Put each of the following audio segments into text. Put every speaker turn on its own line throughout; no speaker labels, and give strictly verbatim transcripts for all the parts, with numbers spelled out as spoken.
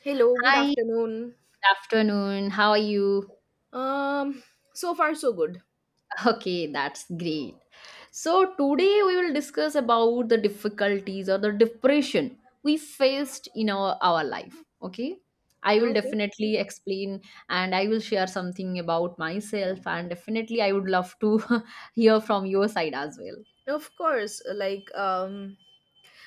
Hello, good
Hi, good
afternoon.
afternoon. How are you?
Um, so far so good.
Okay, that's great. So, today we will discuss about the difficulties or the depression we faced in our, our life. Okay, I will
Okay.
definitely explain and I will share something about myself, and definitely I would love to hear from your side as well.
Of course, like um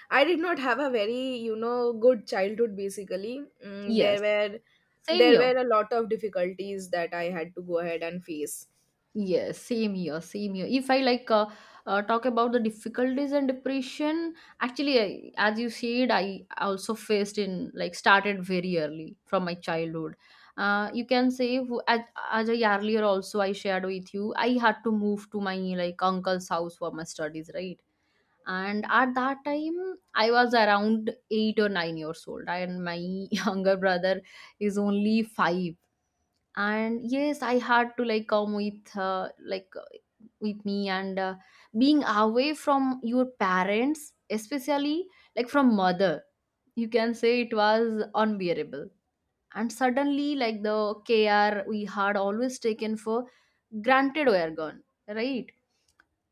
I did not have a very, you know, good childhood basically. Mm,
Yes,
there were
same
there
here.
were a lot of difficulties that I had to go ahead and face.
Yes, same year, same year. If I like uh, uh, talk about the difficulties and depression, actually, I, as you said, I also faced in like started very early from my childhood. Uh, you can say who- as, as I earlier also I shared with you, I had to move to my like uncle's house for my studies, right? And at that time, I was around eight or nine years old, and my younger brother is only five. And yes, I had to like come with uh, like uh, with me, and uh, being away from your parents, especially like from mother, you can say it was unbearable. And suddenly like the care we had always taken for granted were gone, right?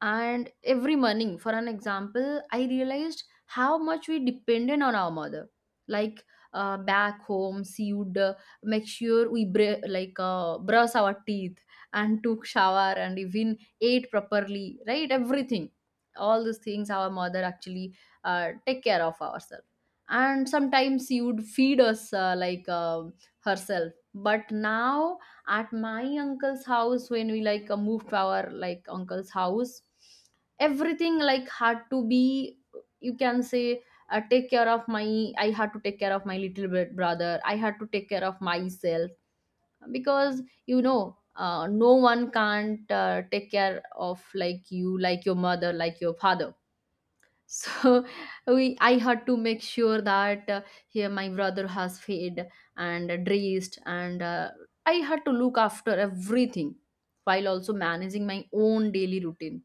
And every morning, for an example, I realized how much we depended on our mother. Like, uh, back home she would uh, make sure we br- like uh, brush our teeth and took shower and even ate properly, right? Everything, all these things our mother actually uh, take care of ourselves. And sometimes she would feed us uh, like um herself. But now at my uncle's house, when we like uh, moved to our like uncle's house, everything like had to be, you can say, uh, take care of my I had to take care of my little bit brother, I had to take care of myself. Because you know uh, no one can't uh, take care of like you, like your mother, like your father. So we I had to make sure that uh, here my brother has fed and dressed, and uh, I had to look after everything, while also managing my own daily routine.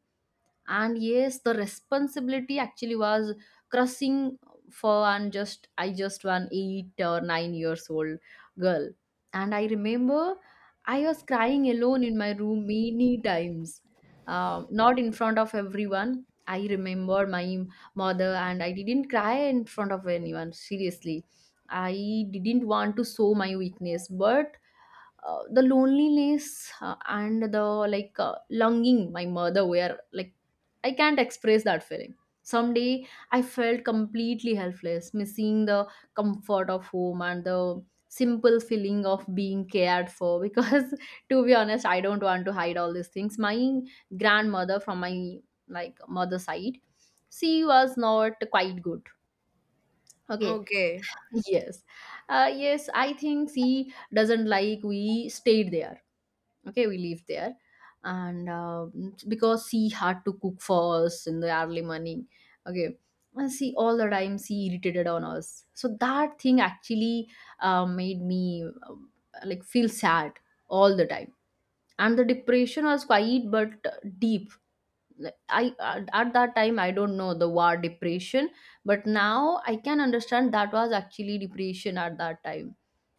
And yes, the responsibility actually was crushing for, and just I just one eight or nine years old girl. And I remember I was crying alone in my room many times. Um, not in front of everyone. I remember my mother, and I didn't cry in front of anyone seriously. I didn't want to show my weakness, but uh, the loneliness uh, and the like uh, longing my mother were like, I can't express that feeling. Someday I felt completely helpless, missing the comfort of home and the simple feeling of being cared for. Because to be honest, I don't want to hide all these things. My grandmother from my like mother side, she was not quite good. Okay.
Okay.
Yes. Uh, yes, I think she doesn't like we stayed there. Okay, we live there. And uh, because she had to cook for us in the early morning. Okay. And she all the time she irritated on us, so that thing actually uh, made me um, like feel sad all the time. And the depression was quiet but uh, deep. Like, I at at that time I don't know the word depression, but now I can understand that was actually depression. At that time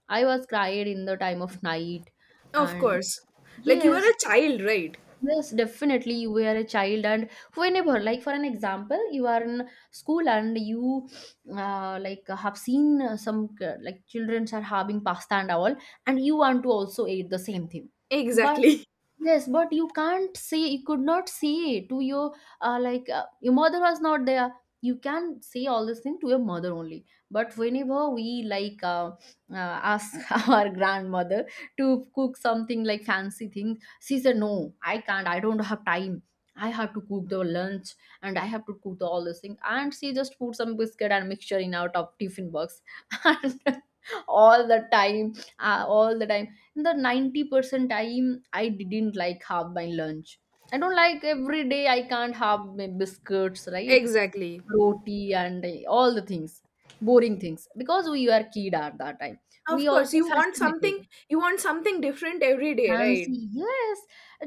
I was cried in the time of night,
Of
and
course. Like you were
yes.
a child, right?
Yes, definitely. You were a child, and whenever, like for an example, you are in school, and you, uh, like have seen uh, some uh, like children are having pasta and all, and you want to also eat the same thing, but.
Exactly.
Yes, but you can't say, you could not say to your uh, like uh, your mother was not there. You can say all this thing to your mother only. But whenever we like uh, uh, ask our grandmother to cook something like fancy thing, she said, no, I can't. I don't have time. I have to cook the lunch, and I have to cook the, all this thing. And she just put some biscuit and mixture in out of tiffin box, and all the time, uh, all the time the ninety percent time I didn't like have my lunch. I don't like every day I can't have my biscuits, right?
Exactly.
Roti and uh, all the things, boring things, because we were kid at that time. We
Of course,
also
you want
fascinated.
something you want something different every day, right?
Fancy, yes.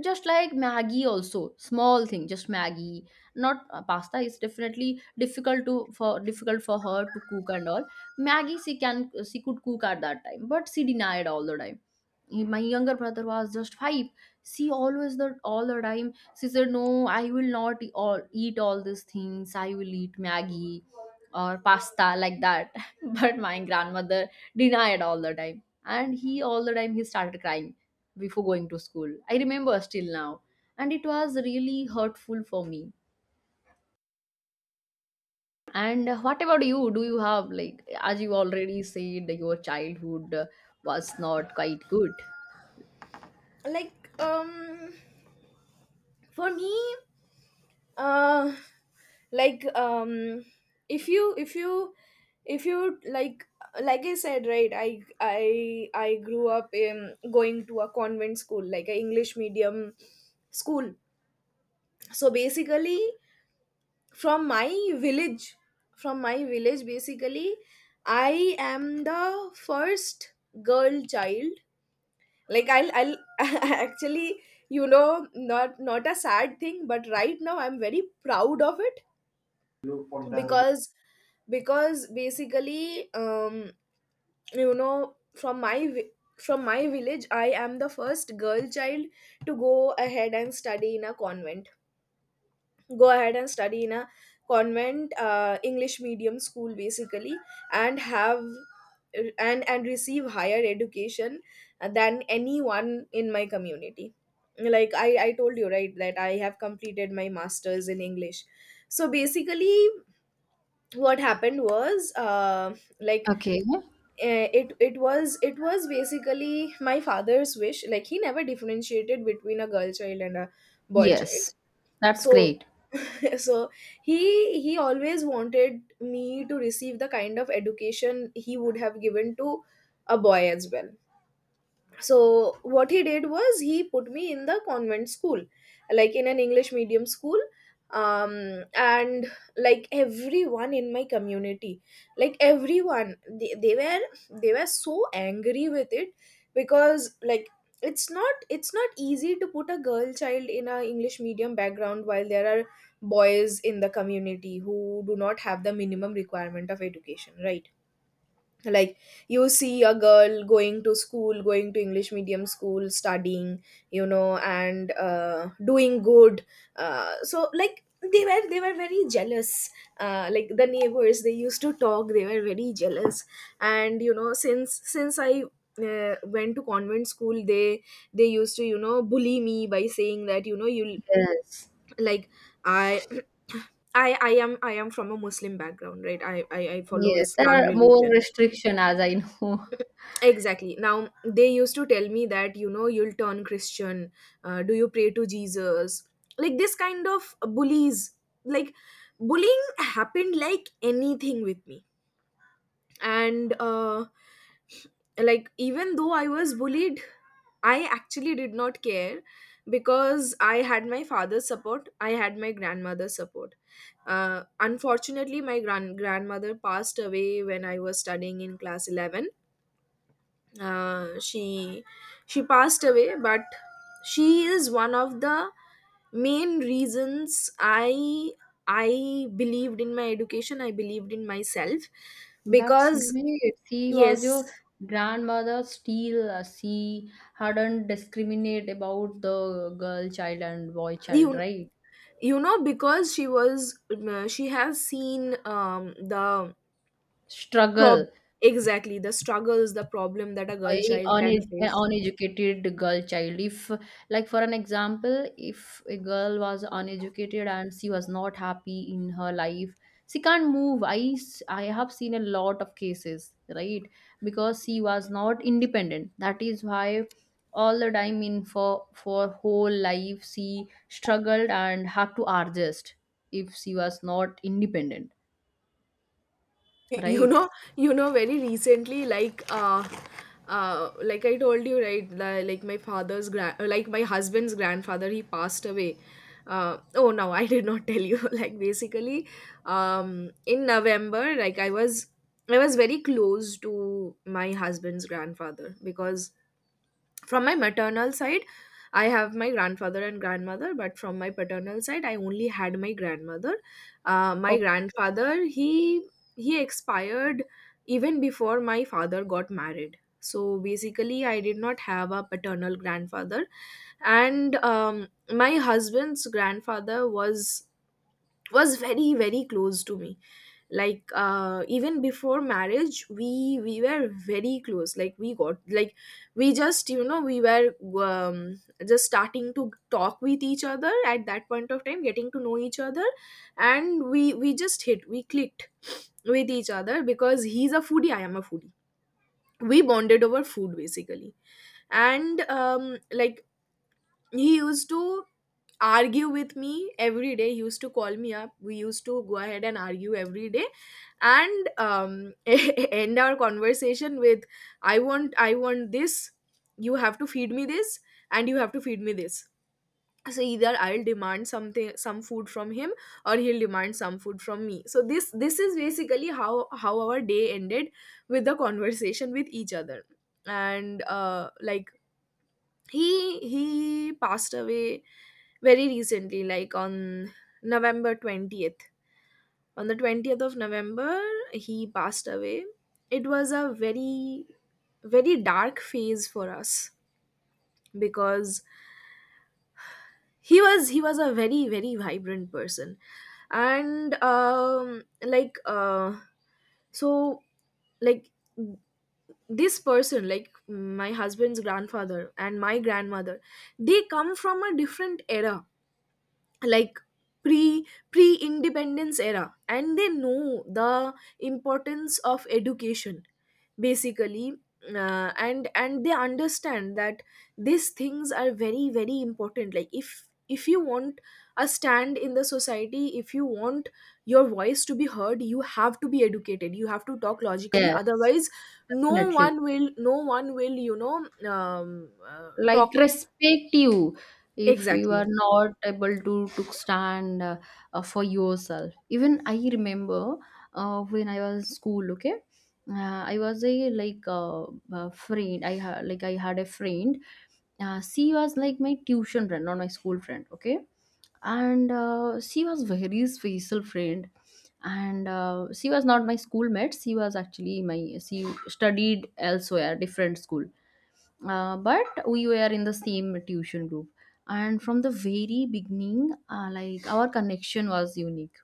Just like Maggie also. Small thing, just Maggie. Not uh, pasta is definitely difficult to for difficult for her to cook and all. Maggie she can she could cook at that time, but she denied all the time. My younger brother was just five. She always the all the time. She said, "No, I will not eat all eat all these things. I will eat Maggie or pasta like that." But my grandmother denied all the time, and he all the time he started crying before going to school. I remember still now. And it was really hurtful for me. And what about you? Do you have, like, as you already said, your childhood uh, was not quite good?
Like um for me uh like um if you if you if you like like I said, right, i i i grew up in going to a convent school, like a english medium school. So basically, from my village from my village basically, I am the first girl child. Like i'll i'll actually, you know, not not a sad thing, but right now I'm very proud of it. Because, because basically um you know, from my vi- from my village, I am the first girl child to go ahead and study in a convent, go ahead and study in a convent uh, english medium school basically, and have and and receive higher education than anyone in my community. Like, i i told you, right, that I have completed my masters in english. So basically, what happened was, uh, like
Okay.
eh, it it was it was basically my father's wish. Like, he never differentiated between a girl child and a boy child.
Yes. That's
So
great.
so he he always wanted me to receive the kind of education he would have given to a boy as well. So what he did was, he put me in the convent school, like in an english medium school. Um and like everyone in my community, like everyone, they, they were they were so angry with it. Because, like, it's not it's not easy to put a girl child in a english medium background while there are boys in the community who do not have the minimum requirement of education, right? Like, you see a girl going to school, going to english medium school, studying, you know, and uh, doing good. Uh, so like, they were they were very jealous. Uh, like the neighbors, they used to talk. They were very jealous. And you know, since since I uh, went to convent school, they they used to, you know, bully me by saying that, you know, you,
Yes.
like, I I, I am I am from a Muslim background, right? I, I, I follow
Yes. There
Islam
are more
religion.
restriction as I know.
Exactly, now they used to tell me that, you know, you'll turn christian. Uh, do you pray to Jesus? Like this kind of bullies, like bullying happened like anything with me. And uh, like, even though I was bullied, I actually did not care, because I had my father's support, I had my grandmother's support. Uh, unfortunately, my gran- grandmother passed away when I was studying in class eleven. Uh, she she passed away, but she is one of the main reasons i i believed in my education, I believed in myself.
That's
Because,
great. She was
yes,
your grandmother, still uh, she hadn't discriminate about the girl child and boy child,
you
right?
you know, because she was, um, she has seen um the prob
Struggle.
exactly, the struggles, the problem that a
A
girl child can
une- an
face.
uneducated girl child, if like for an example, if a girl was uneducated and she was not happy in her life, she can't move. i s- I have seen a lot of cases, right? Because she was not independent, that is why all the time in for for whole life she struggled and had to adjust, if she was not independent,
You
right?
know, you know, very recently, like uh uh like I told you, right, li- like my father's grand like my husband's grandfather, he passed away. uh oh no, I did not tell you. Like basically, um in november, like i was I was very close to my husband's grandfather, because from my maternal side, I have my grandfather and grandmother, but from my paternal side, I only had my grandmother. Uh, my
Okay.
grandfather, he he expired even before my father got married. So basically, I did not have a paternal grandfather. And um, my husband's grandfather was was very very close to me. Like uh even before marriage, we we were very close. Like we got like we just, you know, we were, um, just starting to talk with each other at that point of time, getting to know each other. And we we just hit, we clicked with each other, because he's a foodie, I am a foodie. We bonded over food basically. And um like he used to argue with me every day, he used to call me up, we used to go ahead and argue every day. And um, end our conversation with, i want I want this, you have to feed me this, and you have to feed me this. So either I'll demand something, some food from him, or he'll demand some food from me. So this this is basically how how our day ended, with the conversation with each other. And uh, like, he he passed away very recently, like on november twentieth, on the twentieth of november, he passed away. It was a very, very dark phase for us, because he was he was a very very vibrant person. And um like uh so like this person, like my husband's grandfather and my grandmother, they come from a different era. Like, pre pre independence era, and they know the importance of education basically. uh, and and they understand that these things are very very important. Like, if if you want a stand in the society, if you want your voice to be heard, you have to be educated, you have to talk logically,
Yes,
otherwise no
definitely.
one will no one will you know, um, uh,
Like,
talk.
respect you if you are
Exactly.
not able to to stand uh, uh, for yourself. Even I remember uh, when I was in school. Okay. uh, I was a like uh, uh, friend, i ha- like I had a friend, uh, she was like my tuition friend, not my school friend. Okay. And uh, she was very special friend. And uh, she was not my schoolmate, she was actually my, she studied elsewhere different school. Uh, but we were in the same tuition group. And from the very beginning, uh, like our connection was unique.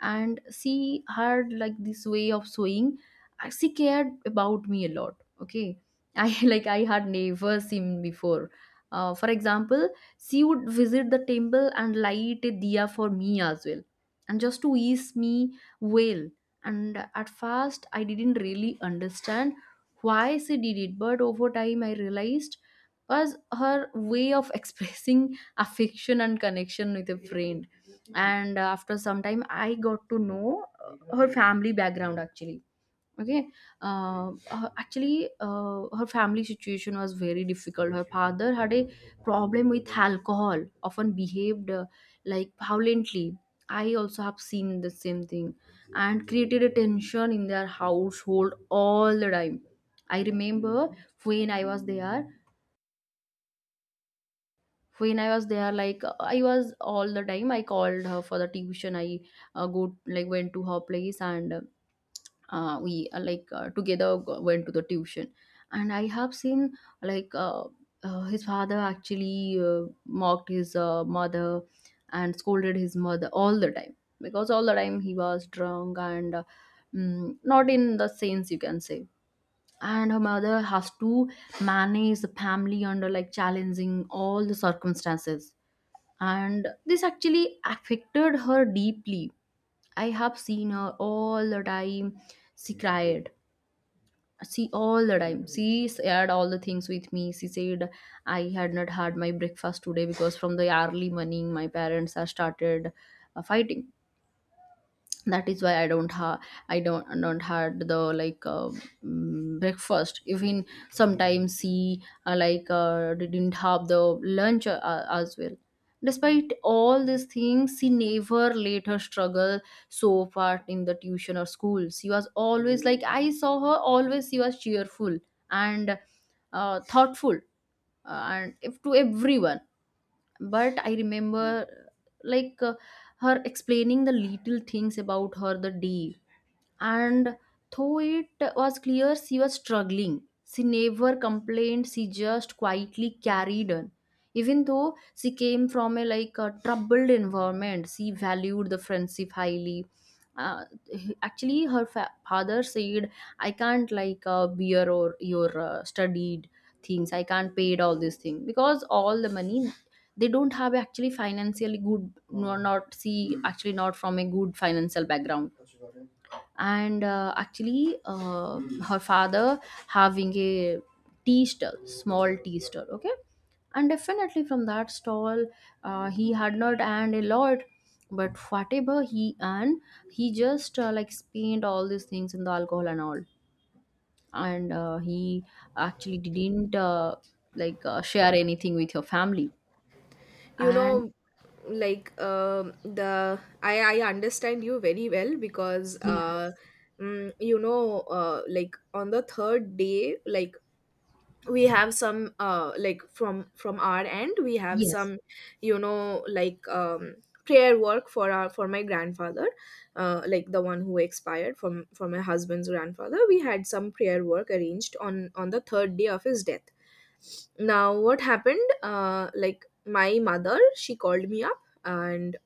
And she had like this way of sewing. Uh, she cared about me a lot. Okay. I like I had never seen before. Uh, for example, she would visit the temple and light a diya for me as well, and just to ease me well. And at first I didn't really understand why she did it, but over time I realized was her way of expressing affection and connection with a friend. And uh, after some time I got to know uh, her family background actually. Okay. uh, uh, actually, uh, her family situation was very difficult. Her father had a problem with alcohol, often behaved uh, like violently. I also have seen the same thing, and created a tension in their household all the time. I remember when i was there when I was there, like I was all the time I called her for the tuition. I uh, go like went to her place, and uh, we uh, like uh, together go- went to the tuition. And I have seen like uh, uh, his father actually uh, mocked his uh, mother and scolded his mother all the time, because all the time he was drunk and uh, mm, not in the sense you can say. And her mother has to manage the family under like challenging all the circumstances. And this actually affected her deeply. I have seen her all the time, she cried. She all the time she shared all the things with me. She said, I had not had my breakfast today because from the early morning my parents are started uh, fighting. That is why I don't have, I don't don't had the like uh, mm, breakfast. Even sometimes she uh, like uh, didn't have the lunch uh, as well. Despite all these things, she never let her struggle so far in the tuition or school. She was always, like I saw her always she was cheerful and uh, thoughtful uh, and if to everyone. But I remember like uh, her explaining the little things about her the day. And though it was clear she was struggling, she never complained. She just quietly carried on. Even though she came from a like a troubled environment, she valued the friendship highly. Uh, he- actually, her fa- father said, "I can't like uh, bear or your uh, studied things. "I can't pay all these things because all the money." They don't have actually financially good, no, not see actually not from a good financial background, and uh, actually uh, her father having a tea stall, small tea stall. Okay. And definitely from that stall uh, he had not earned a lot, but whatever he earned he just uh, like spent all these things in the alcohol and all. And uh, he actually didn't uh, like uh, share anything with your family.
You
And
know, like um the I I understand you very well, because uh
yes,
mm, you know, uh like, on the third day, like, we have some, uh like from from our end, we have
yes,
some, you know, like um prayer work for our, for my grandfather, uh like the one who expired, from from my husband's grandfather. We had some prayer work arranged on on the third day of his death. Now what happened, uh like, my mother, she called me up. And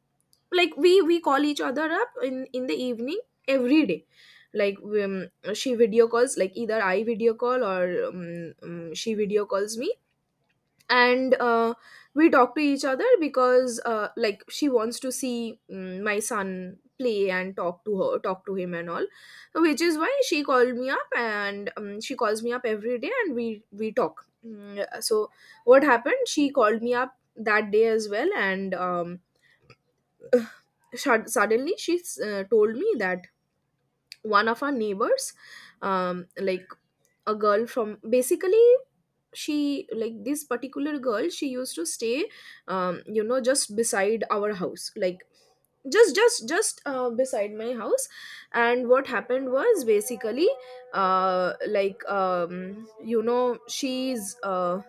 like, we we call each other up in in the evening every day. Like, um, she video calls, like, either I video call, or um, um, she video calls me. And uh, we talk to each other, because uh, like, she wants to see, um, my son play, and talk to her, talk to him and all. Which is why she called me up. And um, she calls me up every day, and we we talk. Mm, so what happened, she called me up that day as well. And um, shud- suddenly she uh, told me that one of our neighbors, um, like, a girl from basically, she like this particular girl, she used to stay, um, you know, just beside our house, like, just just just uh, beside my house. And what happened was basically, uh, like um, you know, she's uh,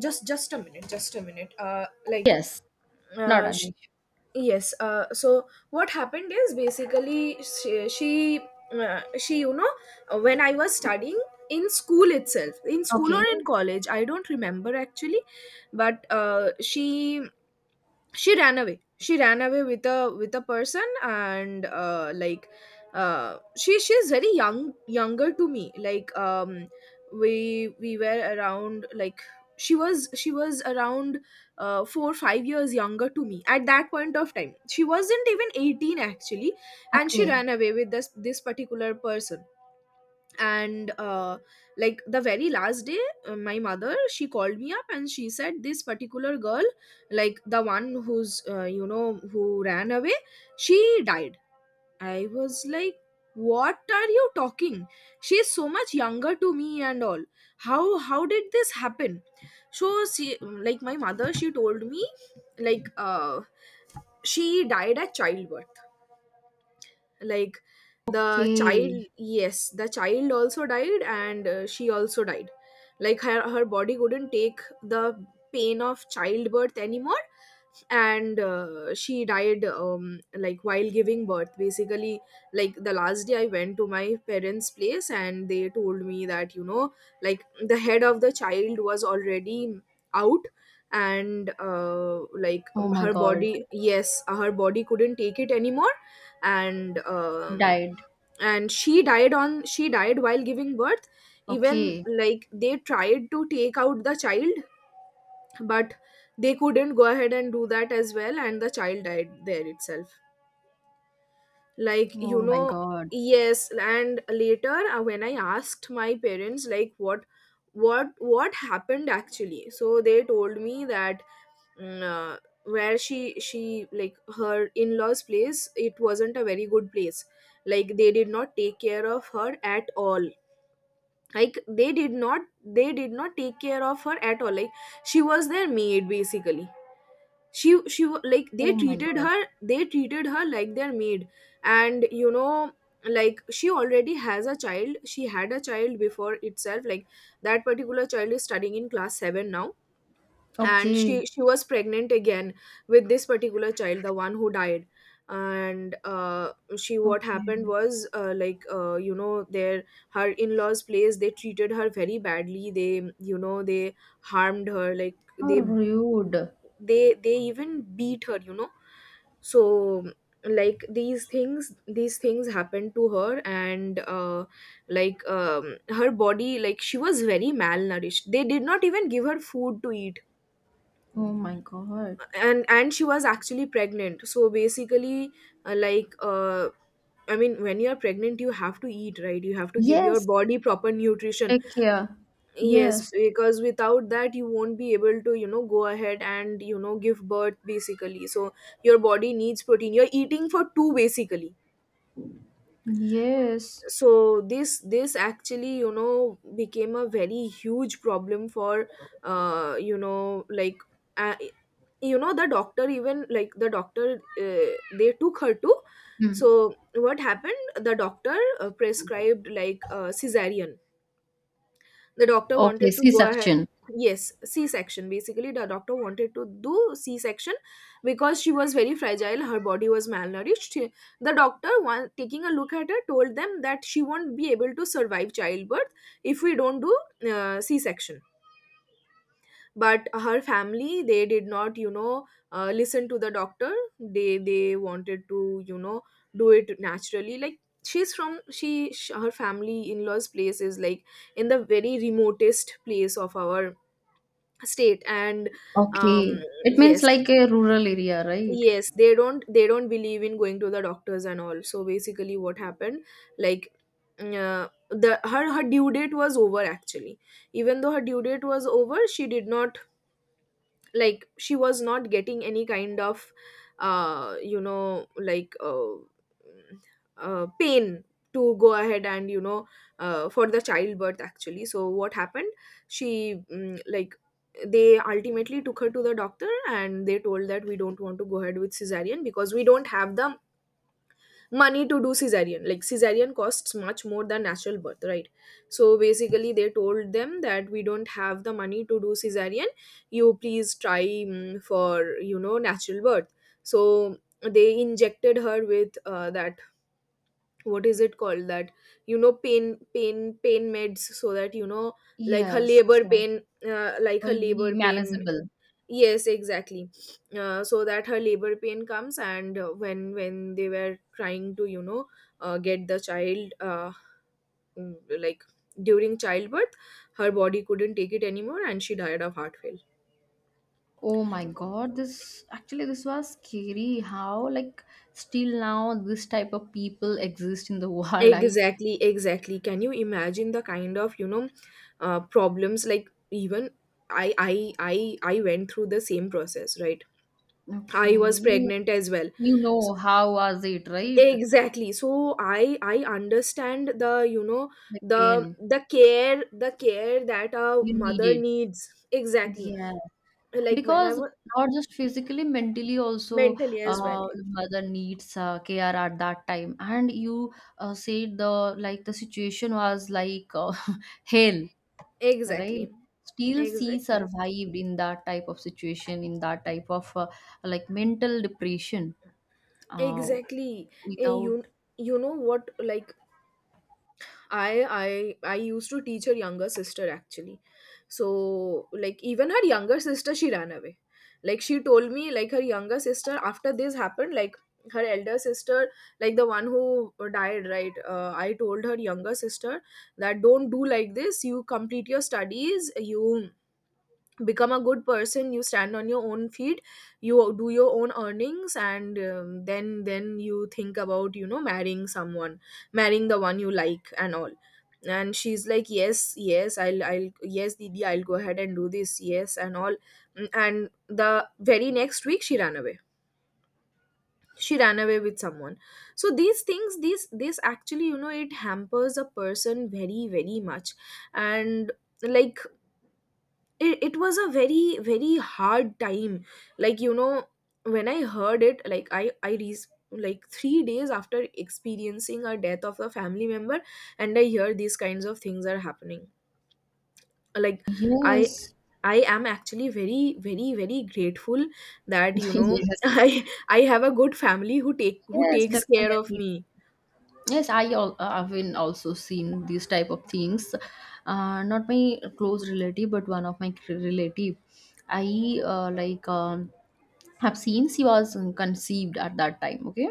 just just a minute, just a minute, uh, like
yes, not
uh
an issue.
yes. Uh, so what happened is basically, she she, uh, she you know, uh, when I was studying in school itself, in school or
Okay.
in college, I don't remember actually, but uh, she, she ran away she ran away with, a with a person. And uh, like uh, she, she's very young, younger to me. Like um we we were around like, she was she was around uh, four or five years younger to me. At that point of time, she wasn't even eighteen actually. And she
Okay.
ran away with this this particular person. And uh, like, the very last day, uh, my mother, she called me up, and she said, this particular girl, like the one who's uh, you know, who ran away, she died. I was like, what are you talking? She's so much younger to me and all. How how did this happen? So she, like my mother, she told me, like uh, she died at childbirth. Like, the child,
Okay.
yes, the child also died, and uh, she also died. Like, her, her body couldn't take the pain of childbirth anymore. And uh, she died, um, like, while giving birth basically. Like, the last day I went to my parents place, and they told me that, you know, like, the head of the child was already out. And uh, like
Oh
um,
my
her
God.
body, yes, her body couldn't take it anymore. And um,
Died.
and she died on she died while giving birth. Even
Okay.
like, they tried to take out the child, but they couldn't go ahead and do that as well, and the child died there itself. Like,
Oh
you
my
know,
God.
yes. And later, uh, when I asked my parents, like, what, what what happened actually, so they told me that, mm, uh, where she, she like her in-laws place, it wasn't a very good place. Like, they did not take care of her at all. Like, they did not they did not take care of her at all. Like, she was their maid basically. She she wa- like, they
Oh my
treated
God.
her they treated her like their maid. And you know, like, she already has a child she had a child before itself. Like that particular child is studying in class seven now. And
Okay.
she she was pregnant again with this particular child, the one who died. And uh, she what
Okay.
happened was uh, like uh, you know their her in-laws place, they treated her very badly. They, you know, they harmed her, like
How
they
rude.
they they even beat her, you know. So like these things these things happened to her. And uh, like um, her body, like she was very malnourished. They did not even give her food to eat.
Oh my God.
And and she was actually pregnant. So basically, uh, like uh, I mean, when you are pregnant, you have to eat, right? You have to give your
Yes.
body proper nutrition.
Take care.
Yes,
Yes.
because without that you won't be able to, you know, go ahead and, you know, give birth, basically. So your body needs protein. You're eating for two, basically.
Yes.
So this this actually, you know, became a very huge problem for uh, you know like uh, you know the doctor. Even like the doctor, uh, they took her to.
Hmm.
So what happened, the doctor uh, prescribed, like, uh, cesarean. The doctor
Okay.
wanted to go ahead.
C-section.
Yes, C section. Basically, the doctor wanted to do C section because she was very fragile. Her body was malnourished. She— the doctor, while taking a look at her, told them that she won't be able to survive childbirth if we don't do uh, C section. But her family, they did not, you know, uh, listen to the doctor. They they wanted to, you know, do it naturally. Like she's from, she sh- her family in-laws place is like in the very remotest place of our state. And um
Okay. It means
yes.
like a rural area, right?
Yes, they don't they don't believe in going to the doctors and all. So basically what happened, like, mm, uh, the her her due date was over actually. Even though her due date was over, she did not, like, she was not getting any kind of uh you know like uh, uh pain to go ahead and, you know, uh, for the childbirth actually. So what happened, she, mm, like, they ultimately took her to the doctor and they told that we don't want to go ahead with cesarean because we don't have the money to do cesarean. Like cesarean costs much more than natural birth, right? So basically they told them that we don't have the money to do cesarean. You please try, mm, for, you know, natural birth. So they injected her with uh, that, what is it called, that, you know, pain pain pain meds so that, you know, like her
Yes.
labor pain, uh, like her
Will be
labor pain
manageable.
Yes, exactly. Uh, so that her labor pain comes. And uh, when when they were trying to, you know, uh, get the child, uh, mm, like, during childbirth, her body couldn't take it anymore, and she died of heart failure.
Oh my God, this actually this was scary. How like still now this type of people exist in the world. I
Exactly, exactly. Can you imagine the kind of, you know, uh, problems, like, even I I I I went through the same process, right?
Okay,
I was
you
pregnant as well.
you know how was it, right?
Exactly, so i i understand, the you know,
The
the
pain
the care, the care that a
you
mother
needed.
needs, exactly.
Yeah,
Like when I
because
was,
not just physically, mentally also,
mentally as well.
uh, mother needs uh, care at that time. And you uh, said the like the situation was like uh, hell, right?
Exactly.
Still, she
Exactly.
survived in that type of situation, in that type of uh, like mental depression, uh,
Exactly. Eh,
without.
you you know what, like, I I I used to teach her younger sister actually. So, like, even her younger sister, she ran away. Like, she told me, like, her younger sister after this happened, like, her elder sister, like the one who died, right. uh, I told her younger sister that don't do like this. You complete your studies. You become a good person. You stand on your own feet. You do your own earnings. And um, then then you think about, you know, marrying someone. Marrying the one you like and all. And she's like, yes, yes, i'll i'll, yes, didi, I'll go ahead and do this, yes, and all. Mm, and the very next week she ran away. She ran away with someone. So these things these this actually, you know, it hampers a person very, very much. And, like, it, it was a very, very hard time. Like, you know, when I heard it, like, I I re, like three days after experiencing a death of a family member, and I hear these kinds of things are happening. Like, i
Yes.
I am actually very, very, very grateful that, you know,
Yes,
i I have a good family who take who
yes,
takes care of
definitely.
me.
Yes, I al- uh, have been also seen these type of things. Uh, not my close relative, but one of my cl- relative. I uh, like, um, have seen she was conceived at that time. Okay.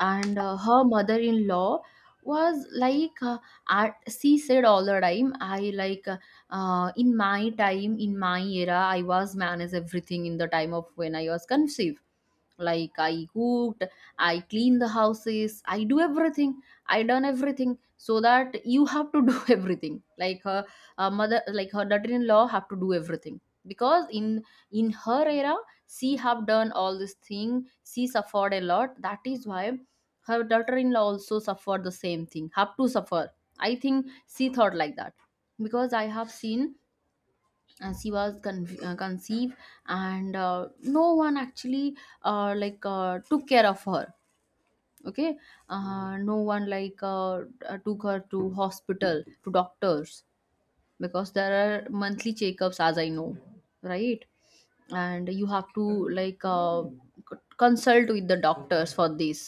And uh, her mother-in-law was like uh, at, she said all the time, i like, uh, in my time, in my era I was managed everything in the time of when I was conceived. Like I cooked, I clean the houses, I do everything. I done everything, so that you have to do everything, like her uh, mother, like her daughter-in-law have to do everything. Because in in her era she have done all this thing, she suffered a lot. That is why her daughter-in-law also suffered the same thing, have to suffer, I think. She thought like that. Because I have seen uh, she was con- uh, conceived, and uh, no one actually uh, like uh, took care of her. Okay. Uh, no one like uh, uh, took her to hospital, to doctors. Because there are monthly checkups, as I know, right? And you have to like uh, c- consult with the doctors for this.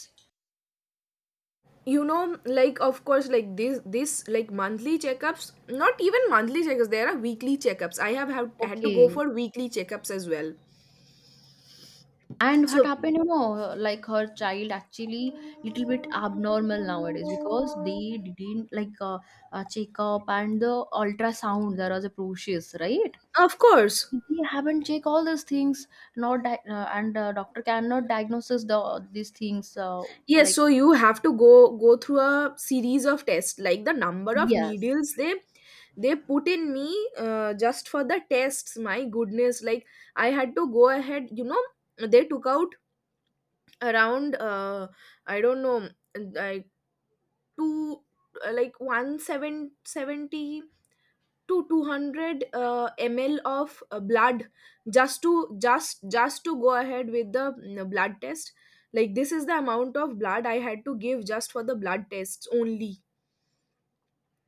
You know, like, of course, like this this, like, monthly checkups, not even monthly checkups, there are weekly checkups. I have had, had to go
Okay.
for weekly checkups as well.
And what
So
happened, you know her- like her child actually little bit abnormal nowadays, because they didn't like uh, uh, check up, and the ultrasound there was a process, right?
of course.
They haven't check all these things. Not di- uh, and uh, doctor cannot diagnose the, these things, uh,
Yes.
like.
So you have to go go through a series of tests. Like the number of
Yes.
needles they they put in me, uh, just for the tests, my goodness. Like I had to go ahead, you know. They took out around, uh, I don't know, like two, uh, like one seventy to two hundred uh, ml of uh, blood, just to, just just to go ahead with the mm, blood test. Like this is the amount of blood I had to give just for the blood tests only.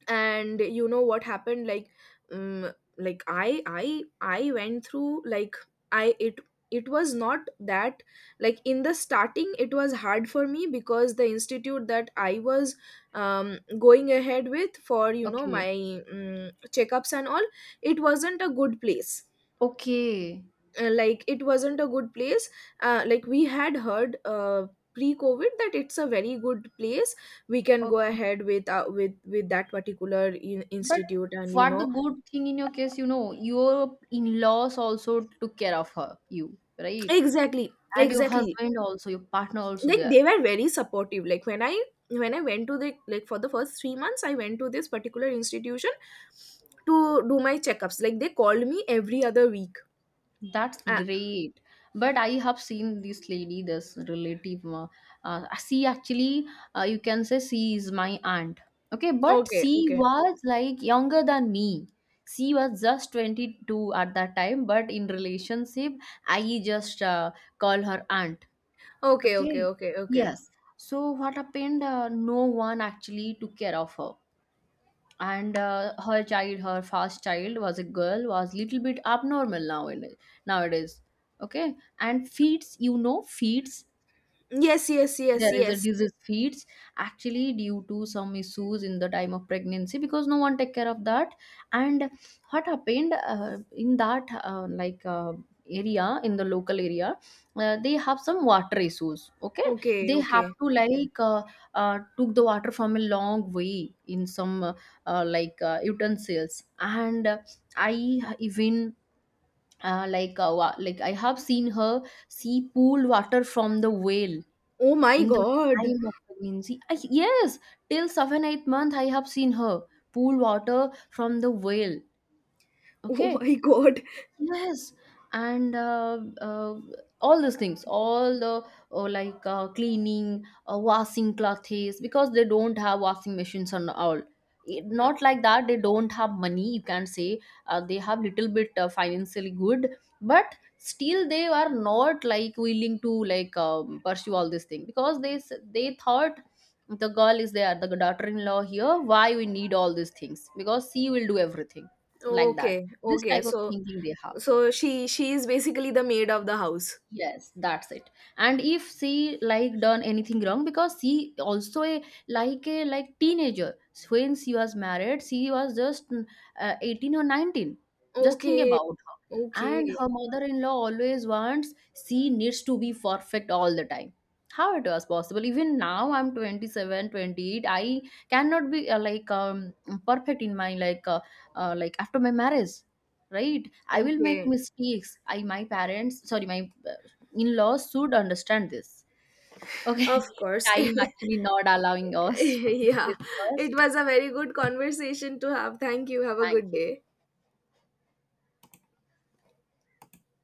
And you know what happened, like, um, like i i i went through, like, I it it was not that, like, in the starting it was hard for me because the institute that I was um, going ahead with for, you know,
Okay.
my um, checkups and all, it wasn't a good place.
Okay.
uh, like, it wasn't a good place. uh, like, we had heard, uh, pre covid, that it's a very good place. We can go
Okay.
ahead with uh, with with that particular in-
But
institute, and you
what the
know.
good thing in your case, you know, your in-laws also took care of her, you, right?
Exactly,
And your
exactly.
husband also, your partner also
Like
there.
they were very supportive. Like when I, when I went to the, like, for the first three months, I went to this particular institution to do my checkups. Like they called me every other week.
That's
uh,
great. But I have seen this lady, this relative. Uh, uh, she actually, uh, you can say she is my aunt. Okay, but
okay,
she
okay,
was like younger than me. She was just twenty-two at that time, but in relationship, I just uh, call her aunt.
okay, okay.
Okay.
Okay, okay.
Yes. So what happened? Uh, no one actually took care of her, and uh, her child, her first child, was a girl, was little bit abnormal nowadays. Nowadays, okay. And feeds, you know, feeds
Yes, yes, yes,
there is a
yes.
disease feeds, actually due to some issues in the time of pregnancy, because no one take care of that. And what happened, uh, in that uh, like uh, area, in the local area, uh, they have some water issues. Okay.
Okay,
They have
okay.
to like uh, uh, took the water from a long way in some uh, uh, like uh, utensils, and uh, i even uh, like uh, wa- like I have seen her. She pulled water from the well
Oh my
in the
god.
time of pregnancy. I, yes, till seven eight month I have seen her pool water from the well.
Oh
Okay.
my god.
Yes, and uh, uh, all those things, all the uh, like uh, cleaning, uh, washing clothes, because they don't have washing machines and all. It, not like that, they don't have money. You can say uh, they have little bit uh, financially good, but still they are not like willing to like um, pursue all these things, because they s- they thought the girl is there, the daughter-in-law here. Why we need all these things? Because she will do everything, like that.
Okay.
This
Okay.
type of
So
thinking they have.
so she she is basically the maid of the house.
Yes, that's it. And if she like done anything wrong, because she also a like a like teenager when she was married, she was just mm, uh, eighteen or nineteen. Just think
Okay.
about her. And
Okay.
her mother-in-law always wants she needs to be perfect all the time. How it was possible? Even now I'm twenty-seven, twenty-eight. I cannot be uh, like um perfect in my like uh, uh, like after my marriage, right? I will make
Okay.
mistakes. I my parents, sorry, my in-laws should understand this. Okay.
Of course.
Time actually not allowing us to
Yeah.
discuss.
It was a very good conversation to have. Thank you. Have a
Thank
good
you.
day.